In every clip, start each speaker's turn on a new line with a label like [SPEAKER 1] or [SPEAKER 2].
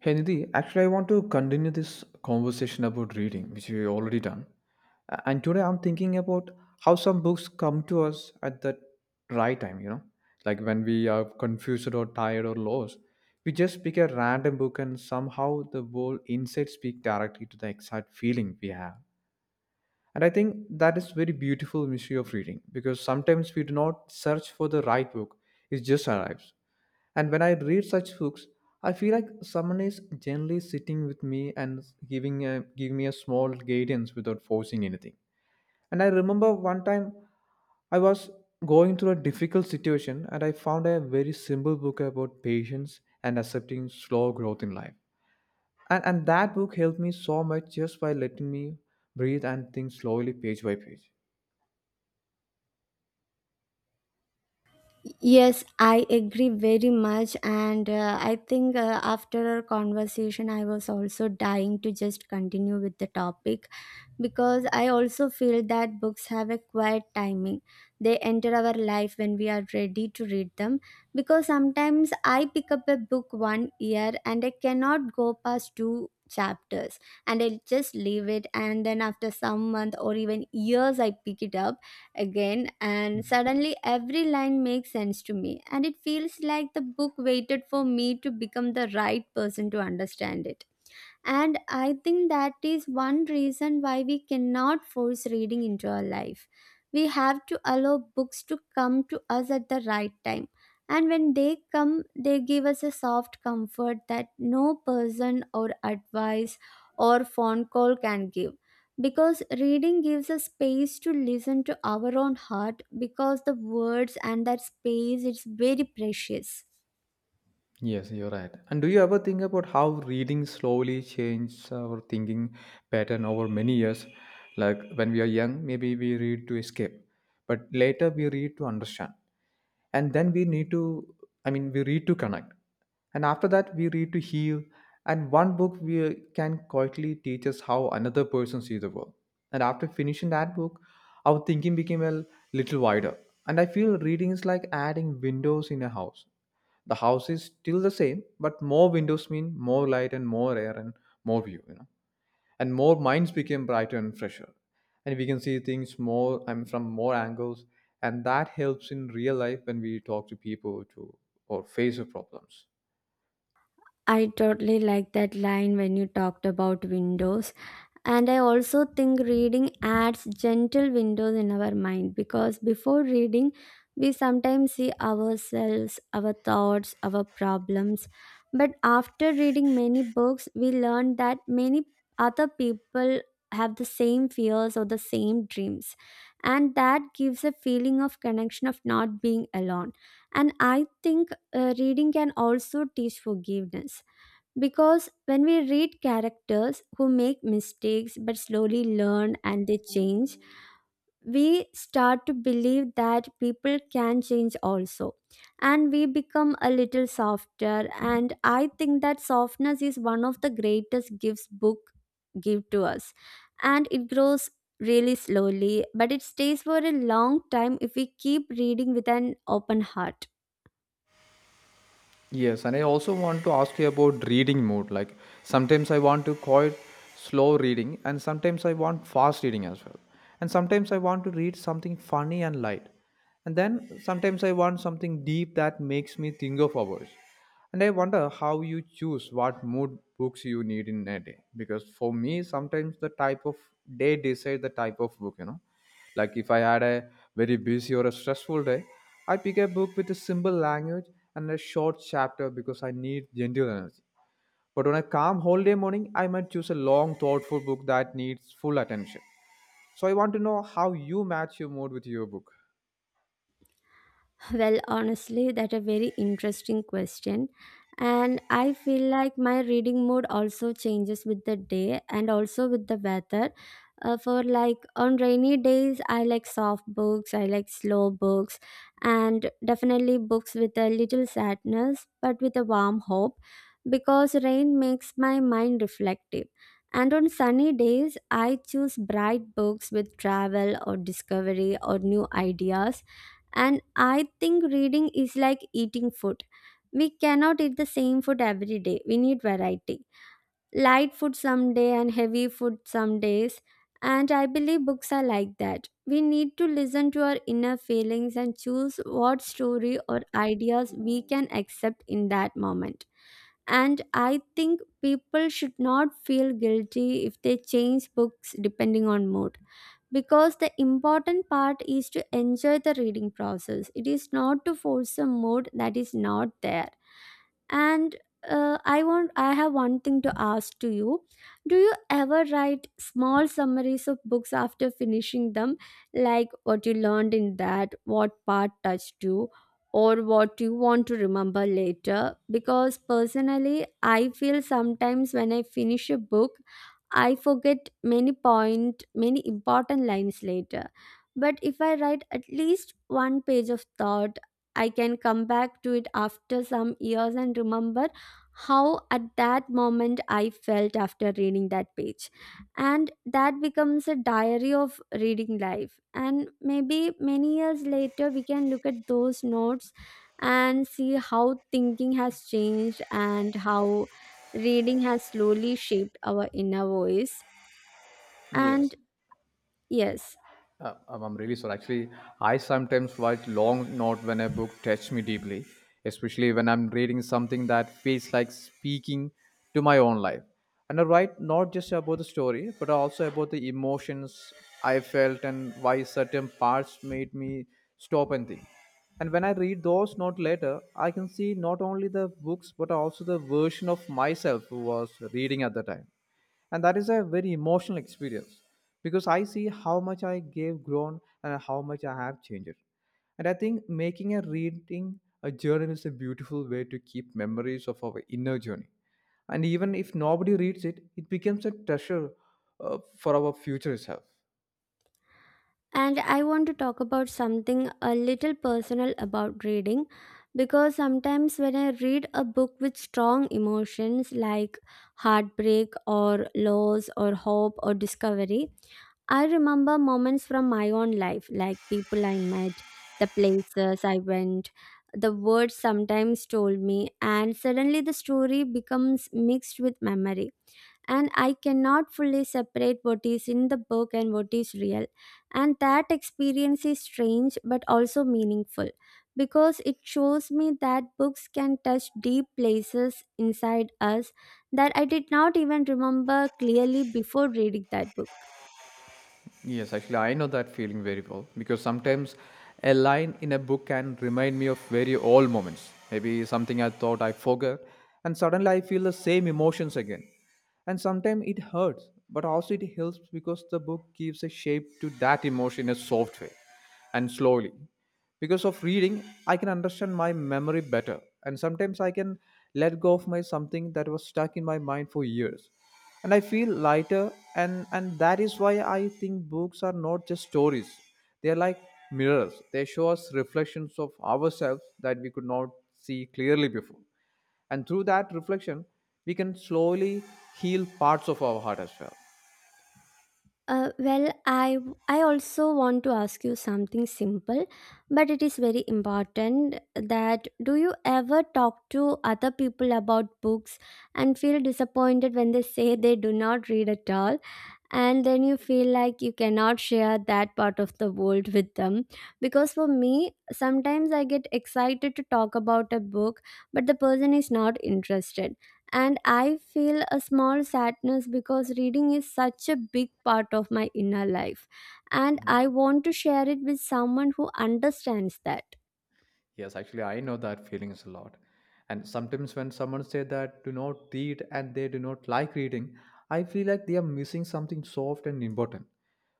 [SPEAKER 1] Hey Nidhi, actually, I want to continue this conversation about reading, which we already done. And today I'm thinking about how some books come to us at the right time, you know, like when we are confused or tired or lost. We just pick a random book and somehow the whole insight speak directly to the exact feeling we have. And I think that is very beautiful mystery of reading because sometimes we do not search for the right book, it just arrives. And when I read such hooks, I feel like someone is gently sitting with me and giving giving me a small guidance without forcing anything. And I remember one time I was going through a difficult situation and I found a very simple book about patience and accepting slow growth in life. And that book helped me so much just by letting me breathe and think slowly page by page.
[SPEAKER 2] Yes, I agree very much. And I think after our conversation, I was also dying to just continue with the topic because I also feel that books have a quiet timing. They enter our life when we are ready to read them. Because sometimes I pick up a book one year and I cannot go past two chapters and I just leave it. And then after some month or even years, I pick it up again, and suddenly every line makes sense to me, and it feels like the book waited for me to become the right person to understand it. And I think that is one reason why we cannot force reading into our life. We have to allow books to come to us at the right time. And when they come, they give us a soft comfort that no person or advice or phone call can give. Because reading gives us space to listen to our own heart, because the words and that space is very precious.
[SPEAKER 1] Yes, you're right. And do you ever think about how reading slowly changes our thinking pattern over many years? Like when we are young, maybe we read to escape, but later we read to understand. And then we need to, I mean, we read to connect. And after that, we read to heal. And one book we can quietly teach us how another person sees the world. And after finishing that book, our thinking became a little wider. And I feel reading is like adding windows in a house, the house is still the same, but more windows mean more light and more air and more view, you know. And more minds became brighter and fresher. And we can see things from more angles. And that helps in real life when we talk to people to or face the problems.
[SPEAKER 2] I totally like that line when you talked about windows. And I also think reading adds gentle windows in our mind because before reading, we sometimes see ourselves, our thoughts, our problems. But after reading many books, we learn that many other people have the same fears or the same dreams. And that gives a feeling of connection of not being alone. And I think reading can also teach forgiveness because when we read characters who make mistakes but slowly learn and they change, we start to believe that people can change also. And we become a little softer. And I think that softness is one of the greatest gifts book give to us. And it grows really slowly, but it stays for a long time if we keep reading with an open heart.
[SPEAKER 1] Yes, and I also want to ask you about reading mood. Like sometimes I want to quite slow reading, and sometimes I want fast reading as well. And sometimes I want to read something funny and light. And then sometimes I want something deep that makes me think of hours. And I wonder how you choose what mood books you need in a day. Because for me, sometimes the type of day decide the type of book, you know. Like if I had a very busy or a stressful day, I pick a book with a simple language and a short chapter because I need gentle energy. But on a calm holiday morning, I might choose a long, thoughtful book that needs full attention. So I want to know how you match your mood with your book.
[SPEAKER 2] Well, honestly, that's a very interesting question. And I feel like my reading mood also changes with the day and also with the weather. For like on rainy days, I like soft books, I like slow books, and definitely books with a little sadness but with a warm hope because rain makes my mind reflective. And on sunny days, I choose bright books with travel or discovery or new ideas, and I think reading is like eating food. We cannot eat the same food every day. We need variety. Light food some day and heavy food some days. And I believe books are like that. We need to listen to our inner feelings and choose what story or ideas we can accept in that moment, and I think people should not feel guilty if they change books depending on mood, because the important part is to enjoy the reading process. It is not to force a mood that is not there. And I have one thing to ask to you. Do you ever write small summaries of books after finishing them, like what you learned in that, what part touched you, or what you want to remember later? Because personally, I feel sometimes when I finish a book I forget many point, many important lines later. But if I write at least one page of thought, I can come back to it after some years and remember how at that moment I felt after reading that page. And that becomes a diary of reading life, and maybe many years later we can look at those notes and see how thinking has changed and how reading has slowly shaped our inner voice.
[SPEAKER 1] Yes.
[SPEAKER 2] And yes.
[SPEAKER 1] I'm really sorry. Actually, I sometimes write long note when a book touches me deeply, especially when I'm reading something that feels like speaking to my own life. And I write not just about the story, but also about the emotions I felt and why certain parts made me stop and think. And when I read those notes later, I can see not only the books, but also the version of myself who was reading at the time, and that is a very emotional experience because I see how much I gave grown and how much I have changed. And I think making a reading a journal is a beautiful way to keep memories of our inner journey, and even if nobody reads it it becomes a treasure for our future self.
[SPEAKER 2] And I want to talk about something a little personal about reading, because sometimes when I read a book with strong emotions like heartbreak or loss or hope or discovery, I remember moments from my own life, like people I met, the places I went, the words sometimes told me, and suddenly the story becomes mixed with memory. And I cannot fully separate what is in the book and what is real. And that experience is strange but also meaningful because it shows me that books can touch deep places inside us that I did not even remember clearly before reading that book.
[SPEAKER 1] Yes, actually, I know that feeling very well because sometimes a line in a book can remind me of very old moments. Maybe something I thought I forgot, and suddenly I feel the same emotions again. And sometimes it hurts, but also it helps because the book gives a shape to that emotion in a soft way, and slowly, because of reading, I can understand my memory better and sometimes I can let go of my something that was stuck in my mind for years, and I feel lighter. And that is why I think books are not just stories, they are like mirrors, they show us reflections of ourselves that we could not see clearly before, and through that reflection we can slowly heal parts of our heart as well.
[SPEAKER 2] Well, I also want to ask you something simple, but it is very important that do you ever talk to other people about books and feel disappointed when they say they do not read at all? And then you feel like you cannot share that part of the world with them, because for me sometimes I get excited to talk about a book but the person is not interested, and I feel a small sadness because reading is such a big part of my inner life, and I want to share it with someone who understands that.
[SPEAKER 1] Yes, actually, I know that feelings a lot. And sometimes when someone say that do not read and they do not like reading, I feel like they are missing something soft and important.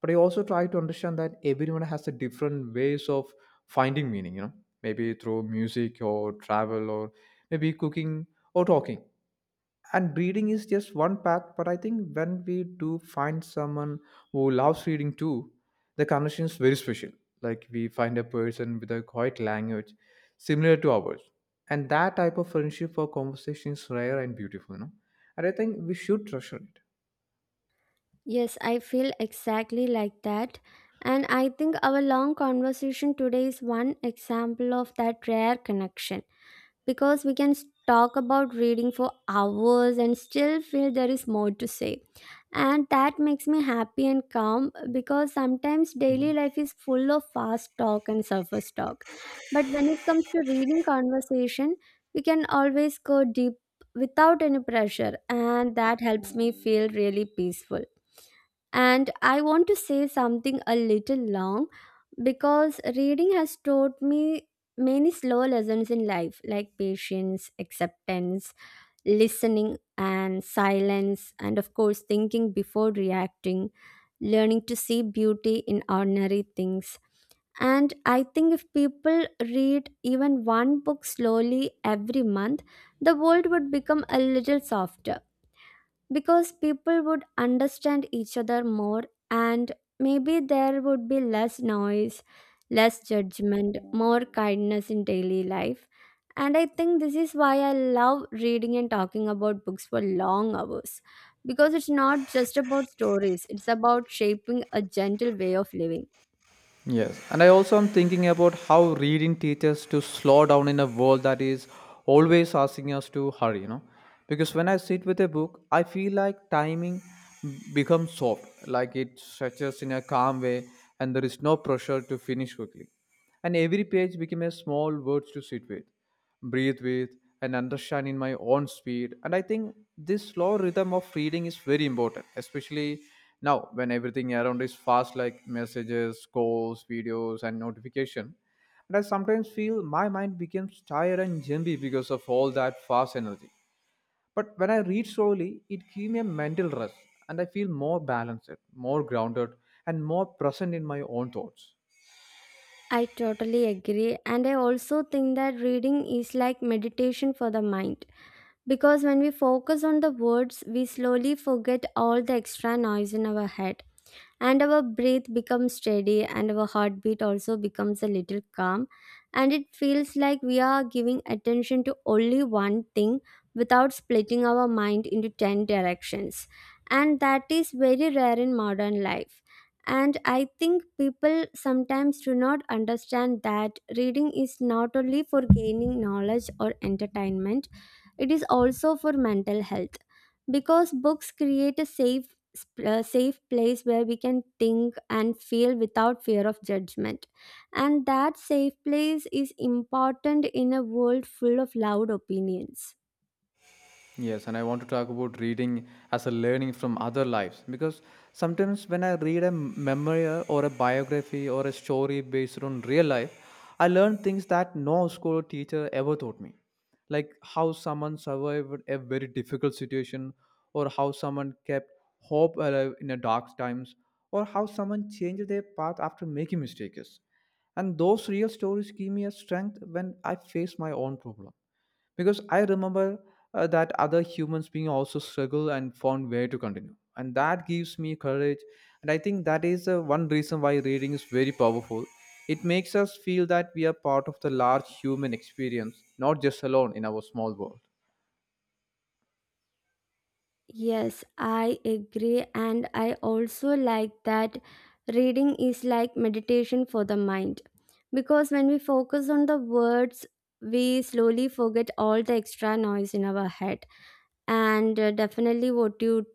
[SPEAKER 1] But I also try to understand that everyone has a different ways of finding meaning, you know, maybe through music or travel or maybe cooking or talking, and reading is just one path. But I think when we do find someone who loves reading too, the connection is very special, like we find a person with a quiet language similar to ours, and that type of friendship or conversation is rare and beautiful, you know, and I think we should treasure it.
[SPEAKER 2] Yes, I feel exactly like that, and I think our long conversation today is one example of that rare connection. Because we can talk about reading for hours and still feel there is more to say. And that makes me happy and calm because sometimes
[SPEAKER 1] Mhm.
[SPEAKER 2] daily life is full of fast talk and surface talk. But when it comes to reading conversation, we can always go deep without any pressure, and that helps me feel really peaceful. And I want to say something a little long because reading has taught me many slow lessons in life like patience, acceptance, listening, and silence, and of course, thinking before reacting, learning to see beauty in ordinary things. And I think if people read even one book slowly every month, the world would become a little softer because people would understand each other more, and maybe there would be less noise, less judgment, more kindness in daily life. And I think this is why I love reading and talking about books for long hours, because it's not just about stories, it's about shaping a gentle way of living.
[SPEAKER 1] Yes, and I also am thinking about how reading teaches to slow down in a world that is always asking us to hurry, you know. Because when I sit with a book, I feel like timing becomes soft, like it stretches in a calm way, and there is no pressure to finish quickly. And every page became a small words to sit with, breathe with, and understand in my own speed. And I think this slow rhythm of reading is very important, especially now when everything around is fast, like messages, calls, videos, and notification. And I sometimes feel my mind becomes tired and jumpy because of all that fast energy, but when I read slowly it gives me a mental rest, and I feel more balanced, more grounded, and more present in my own thoughts.
[SPEAKER 2] I totally agree, and I also think that reading is like meditation for the mind. Because when we focus on the words, we slowly forget all the extra noise in our head, and our breath becomes steady and our heartbeat also becomes a little calm, and it feels like we are giving attention to only one thing without splitting our mind into 10 directions. And that is very rare in modern life. And I think people sometimes do not understand that reading is not only for gaining knowledge or entertainment. It is also for mental health, because books create a safe a safe place where we can think and feel without fear of judgment. And that safe place is important in a world full of loud opinions.
[SPEAKER 1] Yes, and I want to talk about reading as a learning from other lives, because sometimes when I read a memoir or a biography or a story based on real life, I learn things that no school or teacher ever taught me, like how someone survived a very difficult situation, or how someone kept hope alive in a dark times, or how someone changed their path after making mistakes. And those real stories give me a strength when I face my own problem, because I remember that other humans being also struggle and found way to continue, and that gives me courage. And I think that is one reason why reading is very powerful. It makes us feel that we are part of the large human experience, not just alone in our small world.
[SPEAKER 2] Yes, I agree, and I also like that reading is like meditation for the mind because when we focus on the words, we slowly forget all the extra noise in our head. And definitely, what you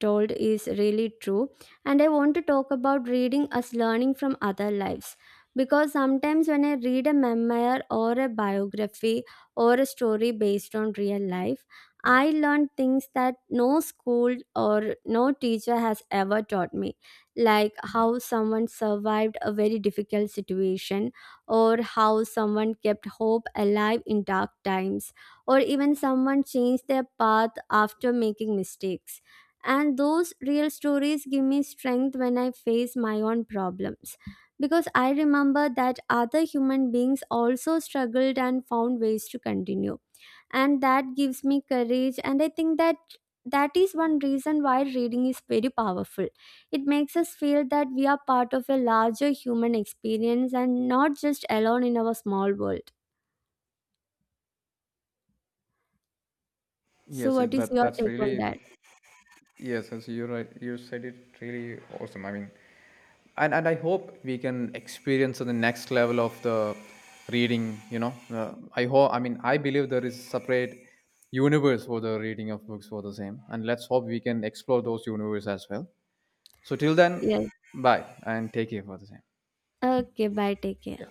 [SPEAKER 2] told is really true. And I want to talk about reading as learning from other lives, because sometimes when I read a memoir or a biography or a story based on real life, I learned things that no school or no teacher has ever taught me, like how someone survived a very difficult situation, or how someone kept hope alive in dark times, or even someone changed their path after making mistakes. And those real stories give me strength when I face my own problems. Because I remember that other human beings also struggled and found ways to continue, and that gives me courage and I think that that is one reason why reading is very powerful. It makes us feel that we are part of a larger human experience and not just alone in our small world. So
[SPEAKER 1] Yes, it-
[SPEAKER 2] what is
[SPEAKER 1] that
[SPEAKER 2] your
[SPEAKER 1] that's
[SPEAKER 2] take on
[SPEAKER 1] really...
[SPEAKER 2] that?
[SPEAKER 1] Yes, you're right. You said it really awesome. And I hope we can experience the next level of the reading. You know, I hope. I mean, I believe there is separate universe for the reading of books for the same, and let's hope we can explore those universe as well. So till then,
[SPEAKER 2] Yes.
[SPEAKER 1] bye and take care for the same.
[SPEAKER 2] Okay, bye. Take care.
[SPEAKER 1] Yeah.